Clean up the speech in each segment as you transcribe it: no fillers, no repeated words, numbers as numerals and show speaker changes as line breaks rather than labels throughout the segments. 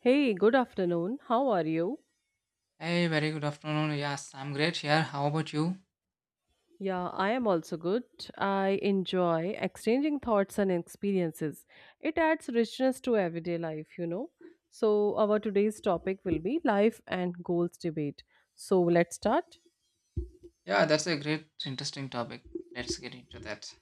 Hey, good afternoon. How are you?
Hey, very good afternoon. Yes, I'm great here. How about you?
Yeah, I am also good. I enjoy exchanging thoughts and experiences. It adds richness to everyday life, you know. So, our today's topic will be life and goals debate. So, let's start.
Yeah, that's a great, interesting topic. Let's get into that.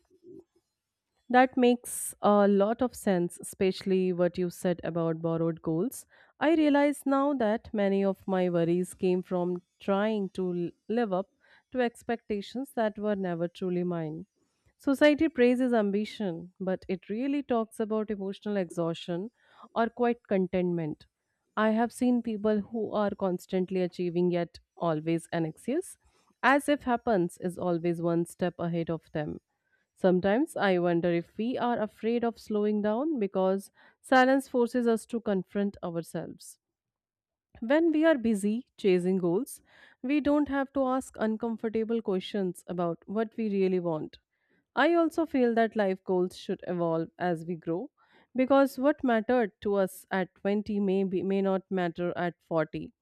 That makes a lot of sense, especially what you said about borrowed goals. I realize now that many of my worries came from trying to live up to expectations that were never truly mine. Society praises ambition, but it really talks about emotional exhaustion or quite contentment. I have seen people who are constantly achieving yet always anxious, as if happens is always one step ahead of them. Sometimes I wonder if we are afraid of slowing down because silence forces us to confront ourselves. When we are busy chasing goals, we don't have to ask uncomfortable questions about what we really want. I also feel that life goals should evolve as we grow because what mattered to us at 20 may not matter at 40.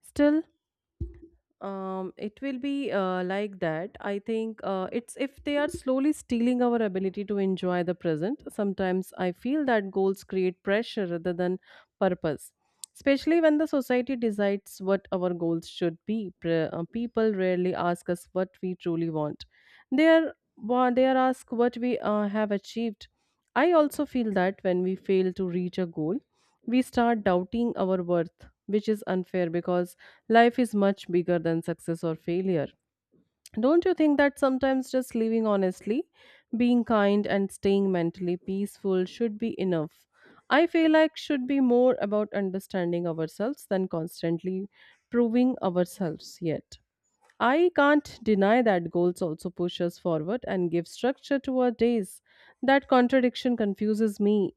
Still, it will be like that. I think it's if they are slowly stealing our ability to enjoy the present. Sometimes I feel that goals create pressure rather than purpose, especially when the society decides what our goals should be. People rarely ask us what we truly want. They are asked what we have achieved. I also feel that when we fail to reach a goal, we start doubting our worth, which is unfair because life is much bigger than success or failure. Don't you think that sometimes just living honestly, being kind, and staying mentally peaceful should be enough? I feel like should be more about understanding ourselves than constantly proving ourselves yet. I can't deny that goals also push us forward and give structure to our days. That contradiction confuses me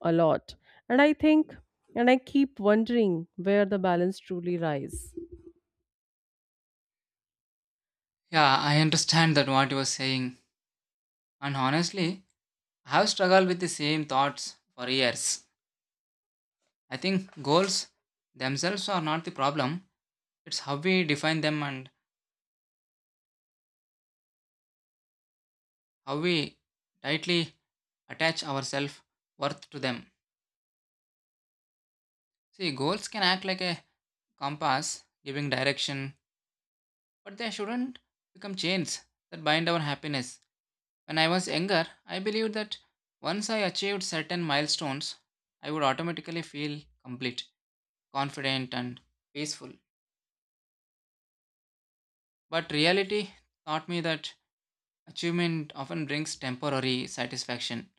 a lot. And I think, and I keep wondering where the balance truly lies.
Yeah, I understand that what you were saying. And honestly, I have struggled with the same thoughts for years. I think goals themselves are not the problem. It's how we define them and how we tightly attach ourselves worth to them. See, goals can act like a compass, giving direction, but they shouldn't become chains that bind our happiness. When I was younger, I believed that once I achieved certain milestones, I would automatically feel complete, confident, and peaceful. But reality taught me that achievement often brings temporary satisfaction,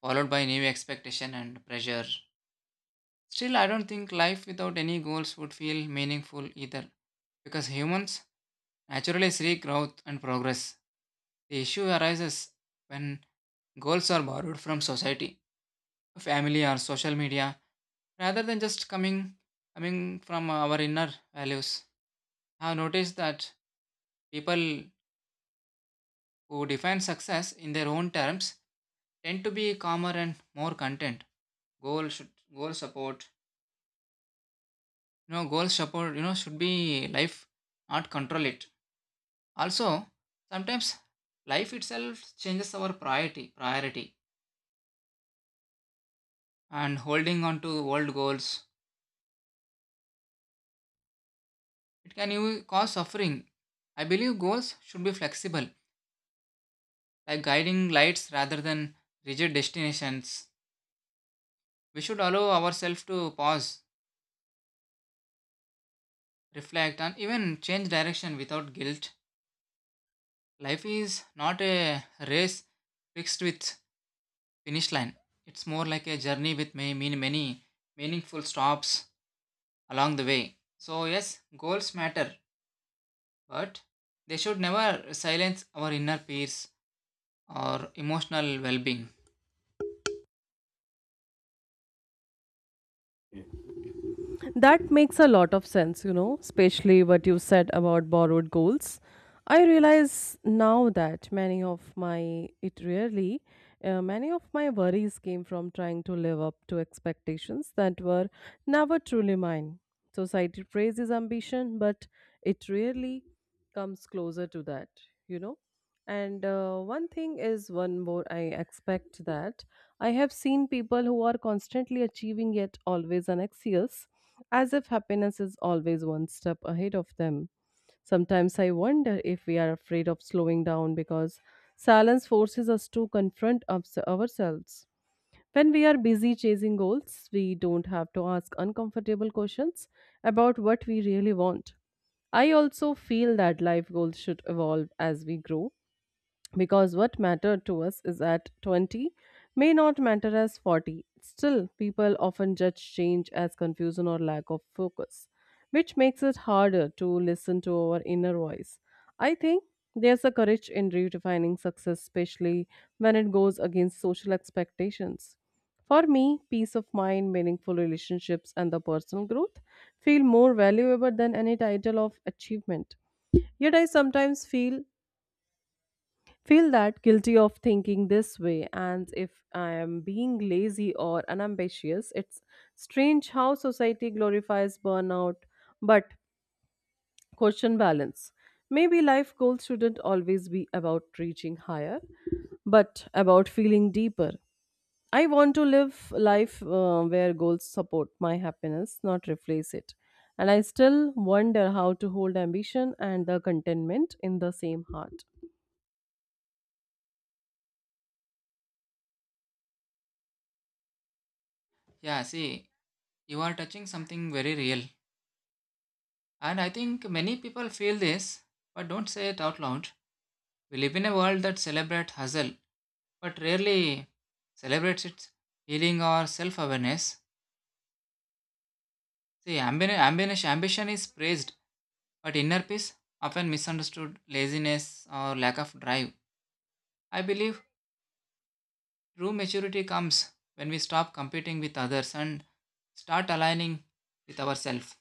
followed by new expectation and pressure. Still, I don't think life without any goals would feel meaningful either, because humans naturally seek growth and progress. The issue arises when goals are borrowed from society, family, or social media rather than just coming from our inner values. I have noticed that people who define success in their own terms tend to be calmer and more content. Goal should goal support. You know, goal support, should be life, not control it. Also, sometimes life itself changes our priority and holding on to old goals. It can even cause suffering. I believe goals should be flexible like guiding lights rather than rigid destinations. We should allow ourselves to pause, reflect, and even change direction without guilt. Life is not a race fixed with finish line. It's more like a journey with many, many, many meaningful stops along the way. So yes, goals matter, but they should never silence our inner peace or emotional well-being.
That makes a lot of sense, you know, especially what you said about borrowed goals. I realize now that many of my, it really, Many of my worries came from trying to live up to expectations that were never truly mine. Society praises ambition, but it rarely comes closer to that, you know. And one thing is, one more, I expect that I have seen people who are constantly achieving yet always anxious as if happiness is always one step ahead of them. Sometimes I wonder if we are afraid of slowing down because silence forces us to confront ourselves. When we are busy chasing goals, we don't have to ask uncomfortable questions about what we really want. I also feel that life goals should evolve as we grow because what mattered to us is at 20 may not matter as 40. Still, people often judge change as confusion or lack of focus, which makes it harder to listen to our inner voice. I think there's a courage in redefining success, especially when it goes against social expectations. For me, peace of mind, meaningful relationships, and the personal growth feel more valuable than any title of achievement. Yet I sometimes feel that guilty of thinking this way, and if I am being lazy or unambitious, it's strange how society glorifies burnout, but question balance. Maybe life goals shouldn't always be about reaching higher but about feeling deeper. I want to live life where goals support my happiness, not replace it. And I still wonder how to hold ambition and the contentment in the same heart.
Yeah, see, you are touching something very real. And I think many people feel this, but don't say it out loud. We live in a world that celebrates hustle, but rarely celebrates its healing or self awareness. See, ambition is praised, but inner peace often misunderstood laziness or lack of drive. I believe true maturity comes when we stop competing with others and start aligning with ourselves.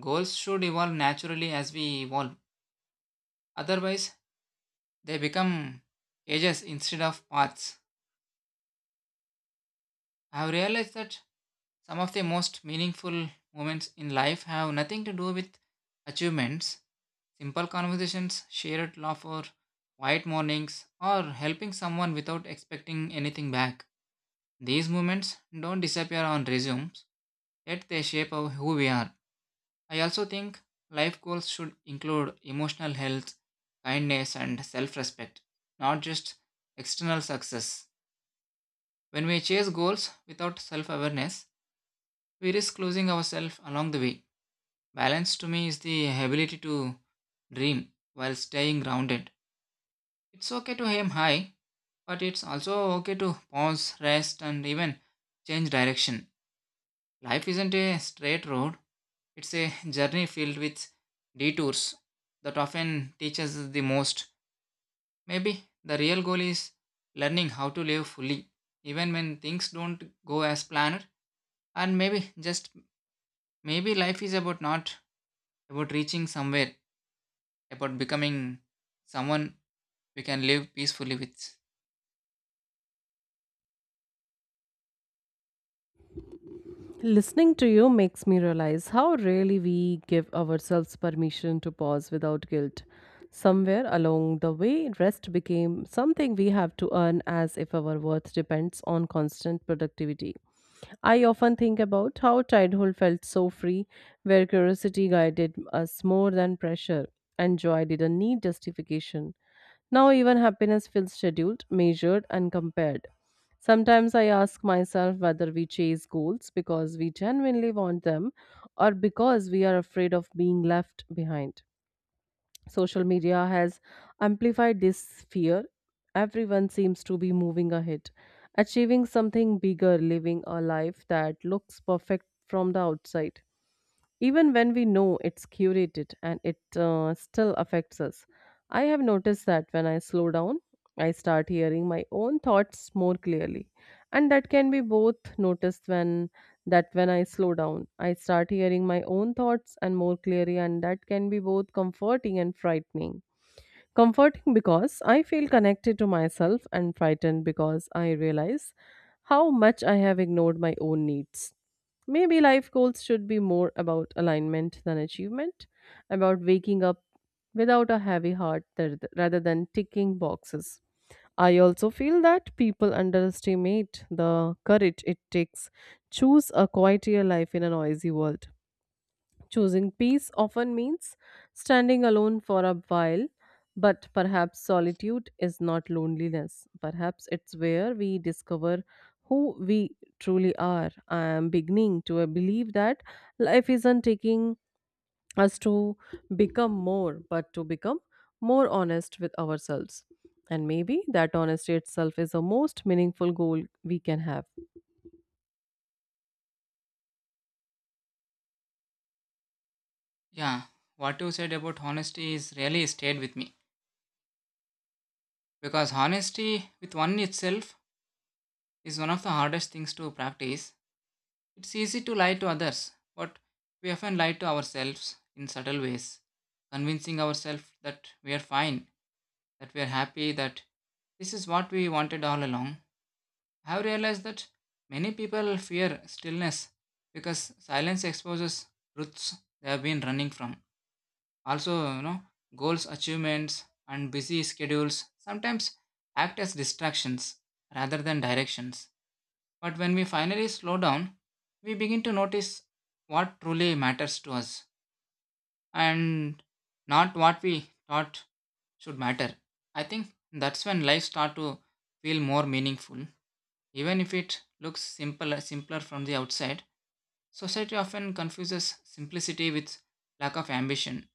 Goals should evolve naturally as we evolve, otherwise, they become edges instead of paths. I have realized that some of the most meaningful moments in life have nothing to do with achievements. Simple conversations, shared laughter, quiet mornings, or helping someone without expecting anything back. These moments don't disappear on resumes, yet they shape who we are. I also think life goals should include emotional health, kindness, and self respect, not just external success. When we chase goals without self awareness, we risk losing ourselves along the way. Balance to me is the ability to dream while staying grounded. It's okay to aim high, but it's also okay to pause, rest, and even change direction. Life isn't a straight road, it's a journey filled with detours that often teach us the most. Maybe the real goal is learning how to live fully, even when things don't go as planned. And maybe, just maybe, life is about not about reaching somewhere about becoming someone we can live peacefully with.
Listening to you makes me realize how rarely we give ourselves permission to pause without guilt. Somewhere along the way, rest became something we have to earn as if our worth depends on constant productivity. I often think about how childhood felt so free, where curiosity guided us more than pressure, and joy didn't need justification. Now, even happiness feels scheduled, measured, and compared. Sometimes I ask myself whether we chase goals because we genuinely want them or because we are afraid of being left behind. Social media has amplified this fear. Everyone seems to be moving ahead, achieving something bigger, living a life that looks perfect from the outside even when we know it's curated, and it still affects us. I have noticed that when I slow down, I start hearing my own thoughts more clearly. And that can be both noticed when that when I slow down, I start hearing my own thoughts and more clearly, and that can be both comforting and frightening. Comforting because I feel connected to myself, and frightened because I realize how much I have ignored my own needs. Maybe life goals should be more about alignment than achievement, about waking up without a heavy heart rather than ticking boxes. I also feel that people underestimate the courage it takes choose a quieter life in a noisy world. Choosing peace often means standing alone for a while, but perhaps solitude is not loneliness. Perhaps it's where we discover who we truly are. I am beginning to believe that life isn't taking us to become more, but to become more honest with ourselves. And maybe that honesty itself is the most meaningful goal we can have.
Yeah, what you said about honesty is really stayed with me because honesty with one itself is one of the hardest things to practice. It's easy to lie to others, but we often lie to ourselves in subtle ways, convincing ourselves that we are fine, that we are happy, that this is what we wanted all along. I've realized that many people fear stillness because silence exposes truths they have been running from. Also, goals, achievements, and busy schedules sometimes act as distractions rather than directions. But when we finally slow down, we begin to notice what truly matters to us and not what we thought should matter. I think that's when life starts to feel more meaningful. Even if it looks simple, simpler from the outside, society often confuses simplicity with lack of ambition.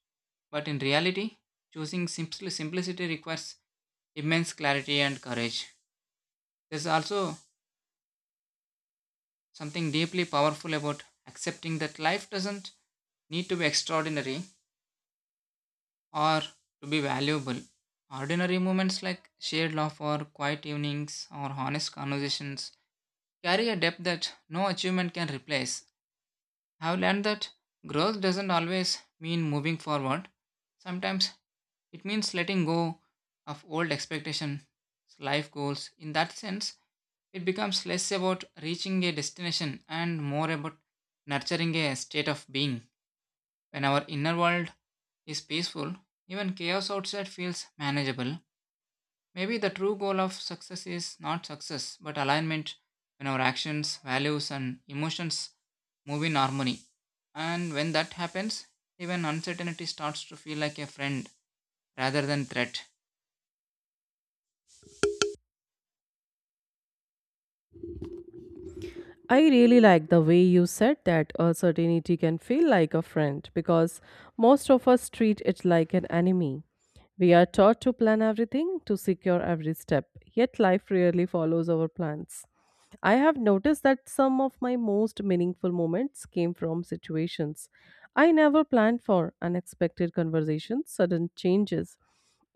But in reality, choosing simplicity requires immense clarity and courage. There's also something deeply powerful about accepting that life doesn't need to be extraordinary or to be valuable. Ordinary moments like shared love or quiet evenings or honest conversations carry a depth that no achievement can replace. I've learned that growth doesn't always mean moving forward. Sometimes it means letting go of old expectations, life goals. In that sense, it becomes less about reaching a destination and more about nurturing a state of being. When our inner world is peaceful, even chaos outside feels manageable. Maybe the true goal of success is not success, but alignment when our actions, values, and emotions move in harmony. And when that happens, even uncertainty starts to feel like a friend rather than threat.
I really like the way you said that uncertainty can feel like a friend because most of us treat it like an enemy. We are taught to plan everything, to secure every step, yet life rarely follows our plans. I have noticed that some of my most meaningful moments came from situations I never planned for unexpected conversations, sudden changes,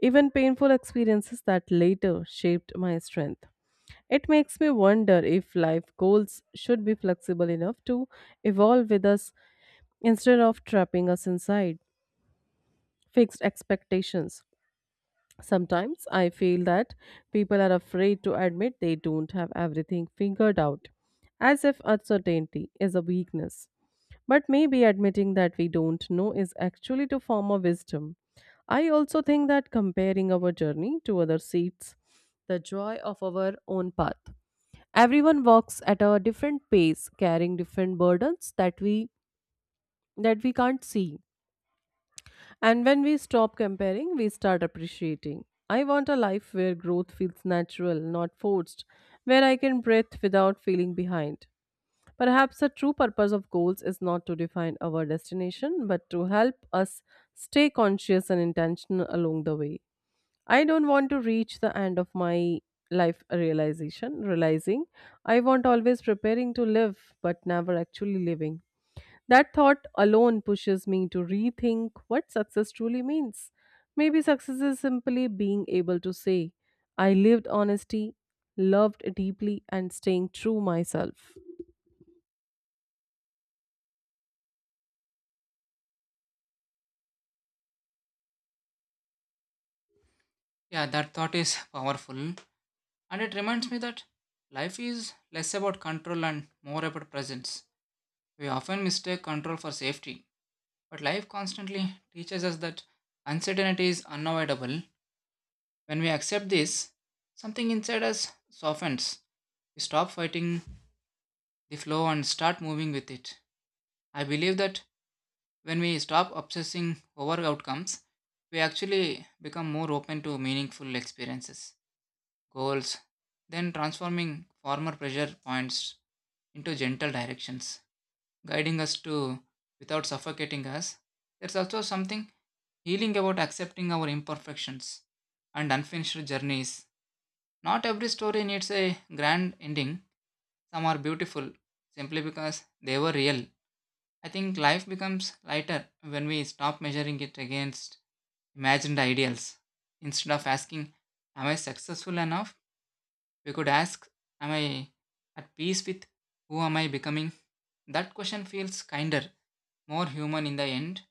even painful experiences that later shaped my strength. It makes me wonder if life goals should be flexible enough to evolve with us instead of trapping us inside fixed expectations. Sometimes I feel that people are afraid to admit they don't have everything figured out, as if uncertainty is a weakness. But maybe admitting that we don't know is actually to form a wisdom. I also think that comparing our journey to other seats, the joy of our own path. Everyone walks at a different pace, carrying different burdens that we can't see. And when we stop comparing, we start appreciating. I want a life where growth feels natural, not forced, where I can breathe without feeling behind. Perhaps the true purpose of goals is not to define our destination, but to help us stay conscious and intentional along the way. I don't want to reach the end of my realizing I want always preparing to live but never actually living. That thought alone pushes me to rethink what success truly means. Maybe success is simply being able to say, I lived honesty, loved deeply, and staying true myself.
Yeah, that thought is powerful. And it reminds me that life is less about control and more about presence. We often mistake control for safety, but life constantly teaches us that uncertainty is unavoidable. When we accept this, something inside us softens. We stop fighting the flow and start moving with it. I believe that when we stop obsessing over outcomes, we actually become more open to meaningful experiences, goals, then transforming former pressure points into gentle directions, guiding us to without suffocating us. There's also something healing about accepting our imperfections and unfinished journeys. Not every story needs a grand ending. Some are beautiful simply because they were real. I think life becomes lighter when we stop measuring it against imagined ideals. Instead of asking, "Am I successful enough?" we could ask, "Am I at peace with who am I becoming?" That question feels kinder, more human in the end.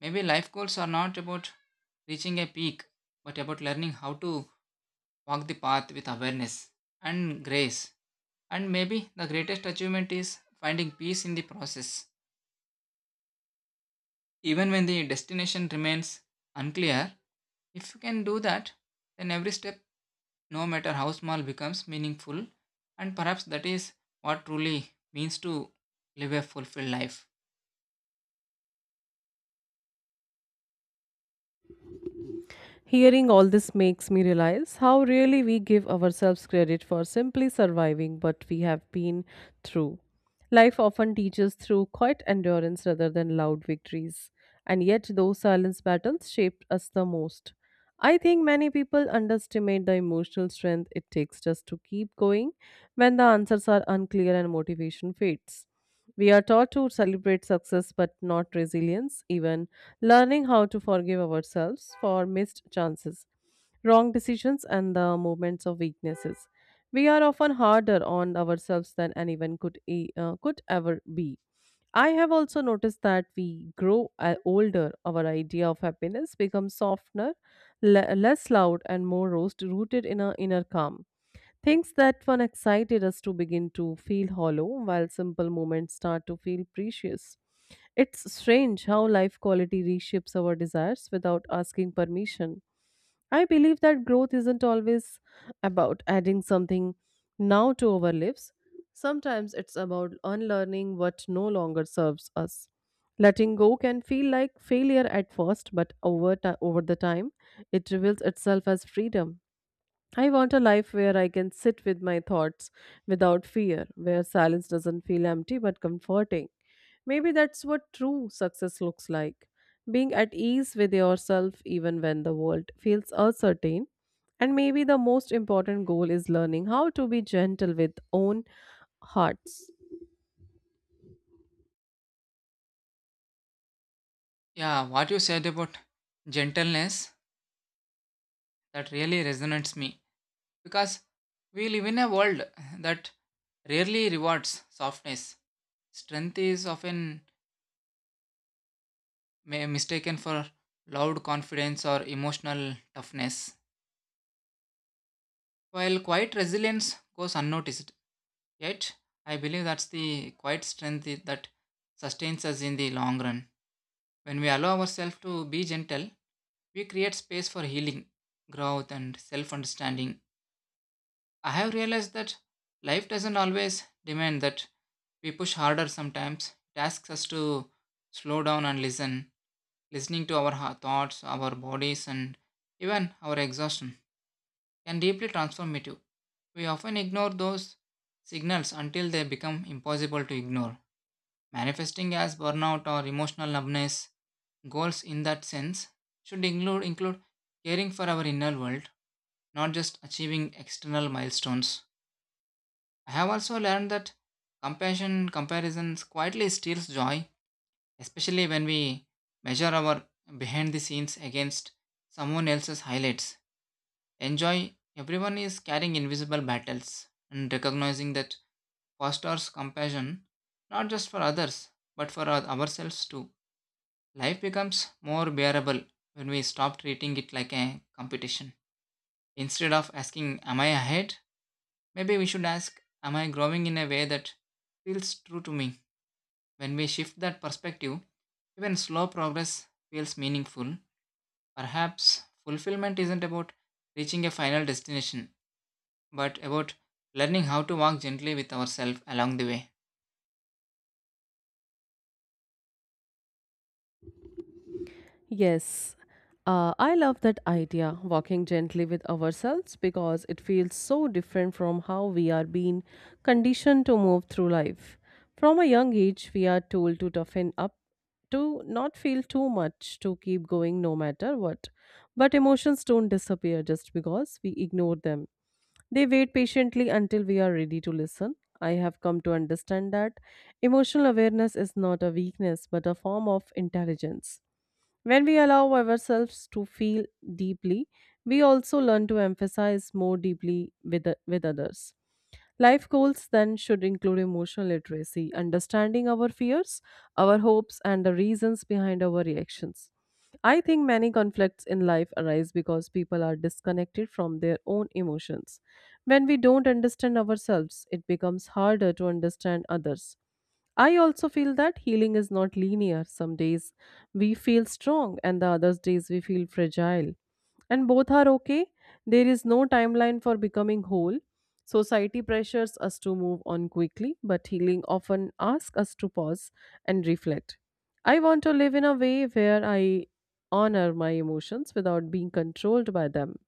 Maybe life goals are not about reaching a peak, but about learning how to walk the path with awareness and grace. And maybe the greatest achievement is finding peace in the process. Even when the destination remains unclear, if you can do that, then every step, no matter how small, becomes meaningful. And perhaps that is what truly means to live a fulfilled life.
Hearing all this makes me realize how really we give ourselves credit for simply surviving what we have been through. Life often teaches through quiet endurance rather than loud victories, and yet those silence battles shaped us the most. I think many people underestimate the emotional strength it takes just to keep going when the answers are unclear and motivation fades. We are taught to celebrate success but not resilience, even learning how to forgive ourselves for missed chances, wrong decisions, and the moments of weaknesses. We are often harder on ourselves than anyone could ever be. I have also noticed that we grow older, our idea of happiness becomes softer, less loud, and more rooted in our inner calm. Things that one excited us to begin to feel hollow, while simple moments start to feel precious. It's strange how life quality reshapes our desires without asking permission. I believe that growth isn't always about adding something now to our lives. Sometimes it's about unlearning what no longer serves us. Letting go can feel like failure at first, but over the time, it reveals itself as freedom. I want a life where I can sit with my thoughts without fear, where silence doesn't feel empty but comforting. Maybe that's what true success looks like being at ease with yourself even when the world feels uncertain. And maybe the most important goal is learning how to be gentle with own hearts.
Yeah, what you said about gentleness, that really resonates me, because we live in a world that rarely rewards softness. Strength is often mistaken for loud confidence or emotional toughness, while quiet resilience goes unnoticed. Yet, I believe that's the quiet strength I- that sustains us in the long run. When we allow ourselves to be gentle, we create space for healing, growth, and self understanding. I have realized that life doesn't always demand that we push harder sometimes. It asks us to slow down and listen. Listening to our thoughts, our bodies, and even our exhaustion can deeply transformative. We often ignore those signals until they become impossible to ignore, manifesting as burnout or emotional numbness. Goals in that sense should include caring for our inner world, not just achieving external milestones. I have also learned that compassion comparisons quietly steals joy, especially when we measure our behind the scenes against someone else's highlights. Enjoy everyone is carrying invisible battles and recognizing that fosters compassion not just for others but for ourselves too. Life becomes more bearable when we stop treating it like a competition. Instead of asking, "Am I ahead?" Maybe we should ask, "Am I growing in a way that feels true to me?" When we shift that perspective, even slow progress feels meaningful. Perhaps fulfillment isn't about reaching a final destination, but about learning how to walk gently with ourselves along the way.
Yes, I love that idea, walking gently with ourselves, because it feels so different from how we are being conditioned to move through life. From a young age, we are told to toughen up, to not feel too much, to keep going no matter what. But emotions don't disappear just because we ignore them. They wait patiently until we are ready to listen. I have come to understand that emotional awareness is not a weakness but a form of intelligence. When we allow ourselves to feel deeply, we also learn to empathize more deeply with others. Life goals then should include emotional literacy, understanding our fears, our hopes, and the reasons behind our reactions. I think many conflicts in life arise because people are disconnected from their own emotions. When we don't understand ourselves, it becomes harder to understand others. I also feel that healing is not linear. Some days we feel strong, and the other days we feel fragile. And both are okay. There is no timeline for becoming whole. Society pressures us to move on quickly, but healing often asks us to pause and reflect. I want to live in a way where I honor my emotions without being controlled by them.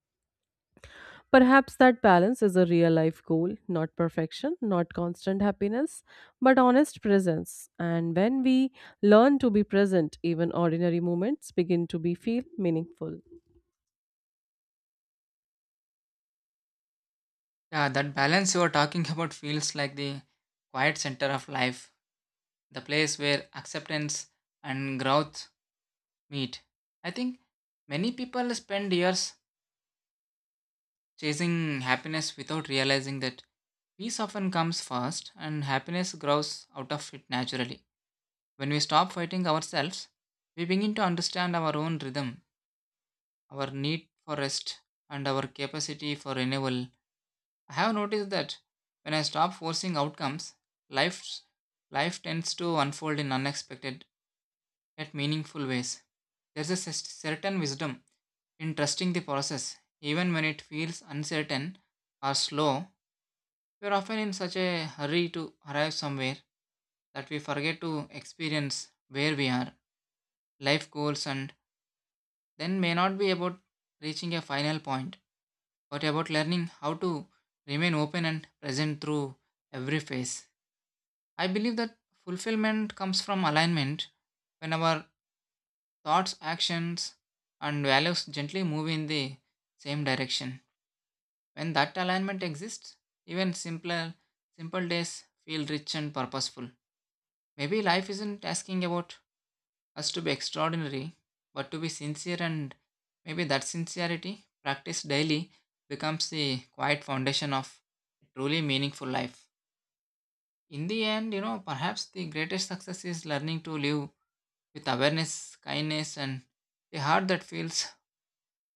Perhaps that balance is a real life goal, not perfection, not constant happiness, but honest presence. And when we learn to be present, even ordinary moments begin to be feel meaningful.
Yeah, that balance you are talking about feels like the quiet center of life, the place where acceptance and growth meet. I think many people spend years chasing happiness without realizing that peace often comes first and happiness grows out of it naturally. When we stop fighting ourselves, we begin to understand our own rhythm, our need for rest, and our capacity for renewal. I have noticed that when I stop forcing outcomes, life's, life tends to unfold in unexpected yet meaningful ways. There's a certain wisdom in trusting the process, even when it feels uncertain or slow. We're often in such a hurry to arrive somewhere that we forget to experience where we are, life goals, and then may not be about reaching a final point, but about learning how to remain open and present through every phase. I believe that fulfillment comes from alignment when our thoughts, actions, and values gently move in the same direction. When that alignment exists, even simple days feel rich and purposeful. Maybe life isn't asking about us to be extraordinary, but to be sincere, and maybe that sincerity, practiced daily, becomes the quiet foundation of a truly meaningful life. In the end, perhaps the greatest success is learning to live with awareness, kindness, and a heart that feels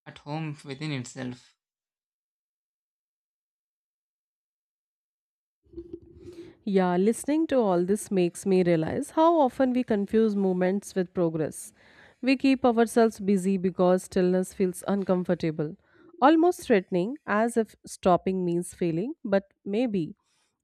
at home within itself.
Yeah, listening to all this makes me realize how often we confuse moments with progress. We keep ourselves busy because stillness feels uncomfortable, almost threatening, as if stopping means failing, but maybe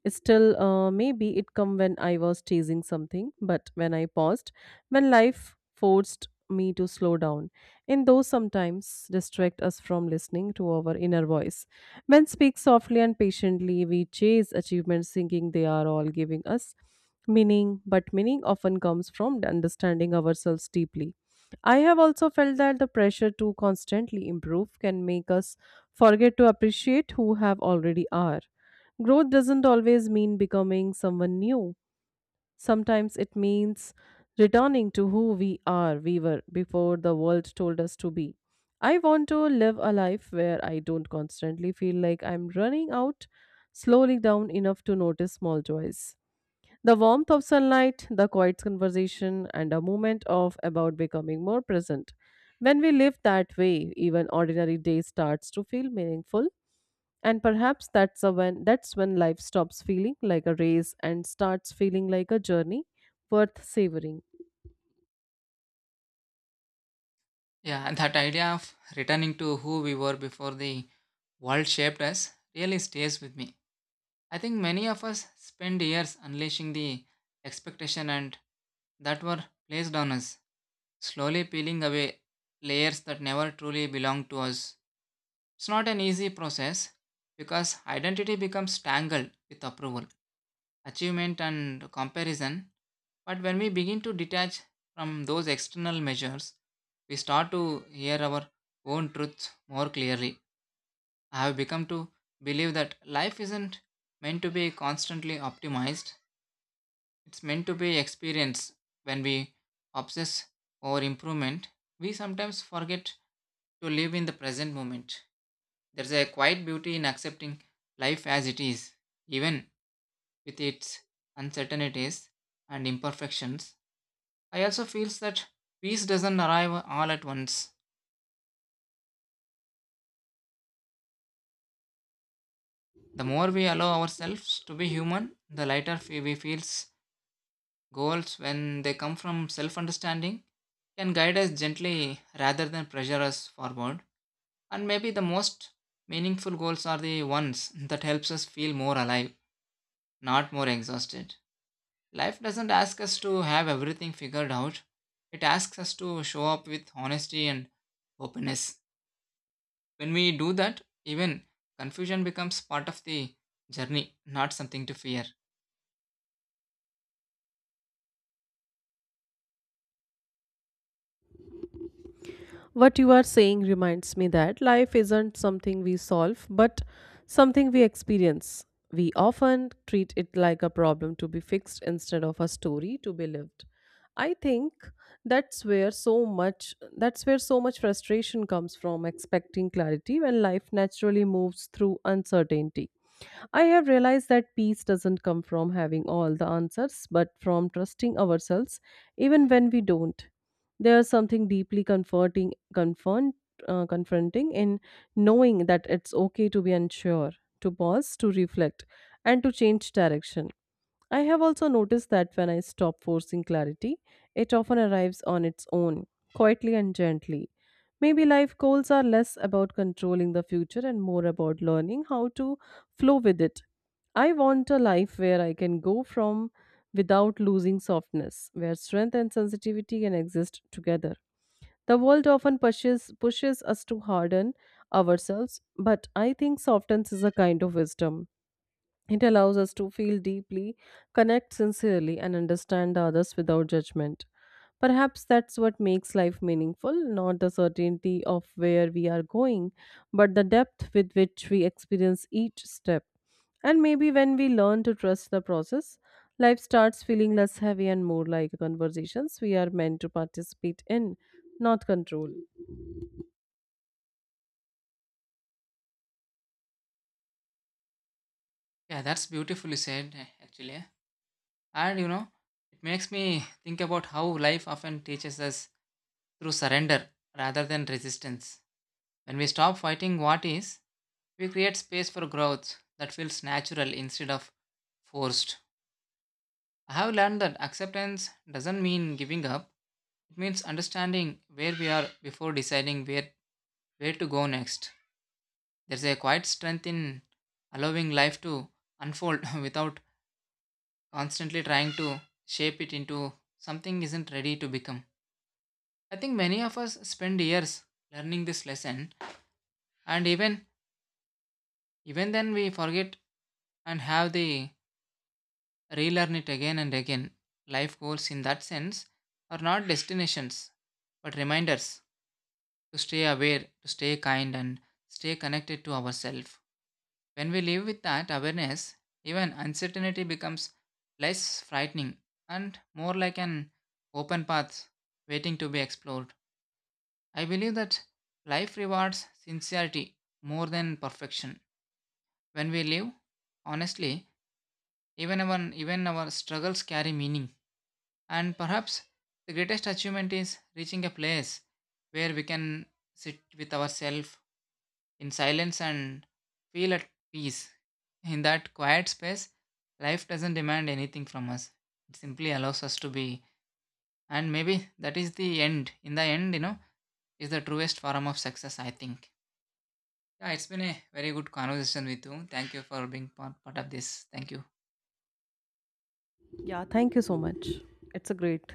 still, maybe it come when I was chasing something, but when I paused, when life forced me to slow down. And those sometimes distract us from listening to our inner voice. Men speak softly and patiently. We chase achievements, thinking they are all giving us meaning, but meaning often comes from understanding ourselves deeply. I have also felt that the pressure to constantly improve can make us forget to appreciate who have already are. Growth doesn't always mean becoming someone new. Sometimes it means returning to who we are, we were before the world told us to be. I want to live a life where I don't constantly feel like I'm running out, slowly down enough to notice small joys. The warmth of sunlight, the quiet conversation, and a moment of about becoming more present. When we live that way, even ordinary day starts to feel meaningful, and perhaps that's when life stops feeling like a race and starts feeling like a journey worth savoring.
Yeah, that idea of returning to who we were before the world shaped us really stays with me. I think many of us spend years unleashing the expectation and that were placed on us, slowly peeling away layers that never truly belonged to us. It's not an easy process because identity becomes tangled with approval, achievement, and comparison. But when we begin to detach from those external measures, we start to hear our own truths more clearly. I have become to believe that life isn't meant to be constantly optimized. It's meant to be experienced. When we obsess over improvement, we sometimes forget to live in the present moment. There's a quiet beauty in accepting life as it is, even with its uncertainties and imperfections. I also feel that peace doesn't arrive all at once. The more we allow ourselves to be human, the lighter fe- we feel. Goals, when they come from self understanding, can guide us gently rather than pressure us forward. And maybe the most meaningful goals are the ones that helps us feel more alive, not more exhausted. Life doesn't ask us to have everything figured out. It asks us to show up with honesty and openness. When we do that, even confusion becomes part of the journey, not something to fear.
What you are saying reminds me that life isn't something we solve, but something we experience. We often treat it like a problem to be fixed instead of a story to be lived. I think that's where so much frustration comes from expecting clarity when life naturally moves through uncertainty. I have realized that peace doesn't come from having all the answers, but from trusting ourselves even when we don't. There's something deeply comforting, confronting in knowing that it's okay to be unsure, to pause, to reflect, and to change direction. I have also noticed that when I stop forcing clarity, it often arrives on its own, quietly and gently. Maybe life goals are less about controlling the future and more about learning how to flow with it. I want a life where I can go from without losing softness, where strength and sensitivity can exist together. The world often pushes us to harden ourselves, but I think softness is a kind of wisdom. It allows us to feel deeply, connect sincerely, and understand others without judgment. Perhaps that's what makes life meaningful, not the certainty of where we are going, but the depth with which we experience each step. And maybe when we learn to trust the process, life starts feeling less heavy and more like conversations we are meant to participate in, not control.
Yeah, that's beautifully said, actually. And it makes me think about how life often teaches us through surrender rather than resistance. When we stop fighting what is, we create space for growth that feels natural instead of forced. I have learned that acceptance doesn't mean giving up. It means understanding where we are before deciding where to go next. There's a quiet strength in allowing life to unfold without constantly trying to shape it into something isn't ready to become. I think many of us spend years learning this lesson, and even then we forget and have the relearn it again and again. Life goals, in that sense, are not destinations but reminders to stay aware, to stay kind, and stay connected to ourselves. When we live with that awareness, even uncertainty becomes less frightening and more like an open path waiting to be explored. I believe that life rewards sincerity more than perfection. When we live honestly, even our struggles carry meaning. And perhaps the greatest achievement is reaching a place where we can sit with ourselves in silence and feel at peace. In that quiet space, life doesn't demand anything from us. It simply allows us to be. And maybe that is the end. In the end, is the truest form of success, I think. Yeah, it's been a very good conversation with you. Thank you for being part of this. Thank you.
Yeah, thank you so much. It's a great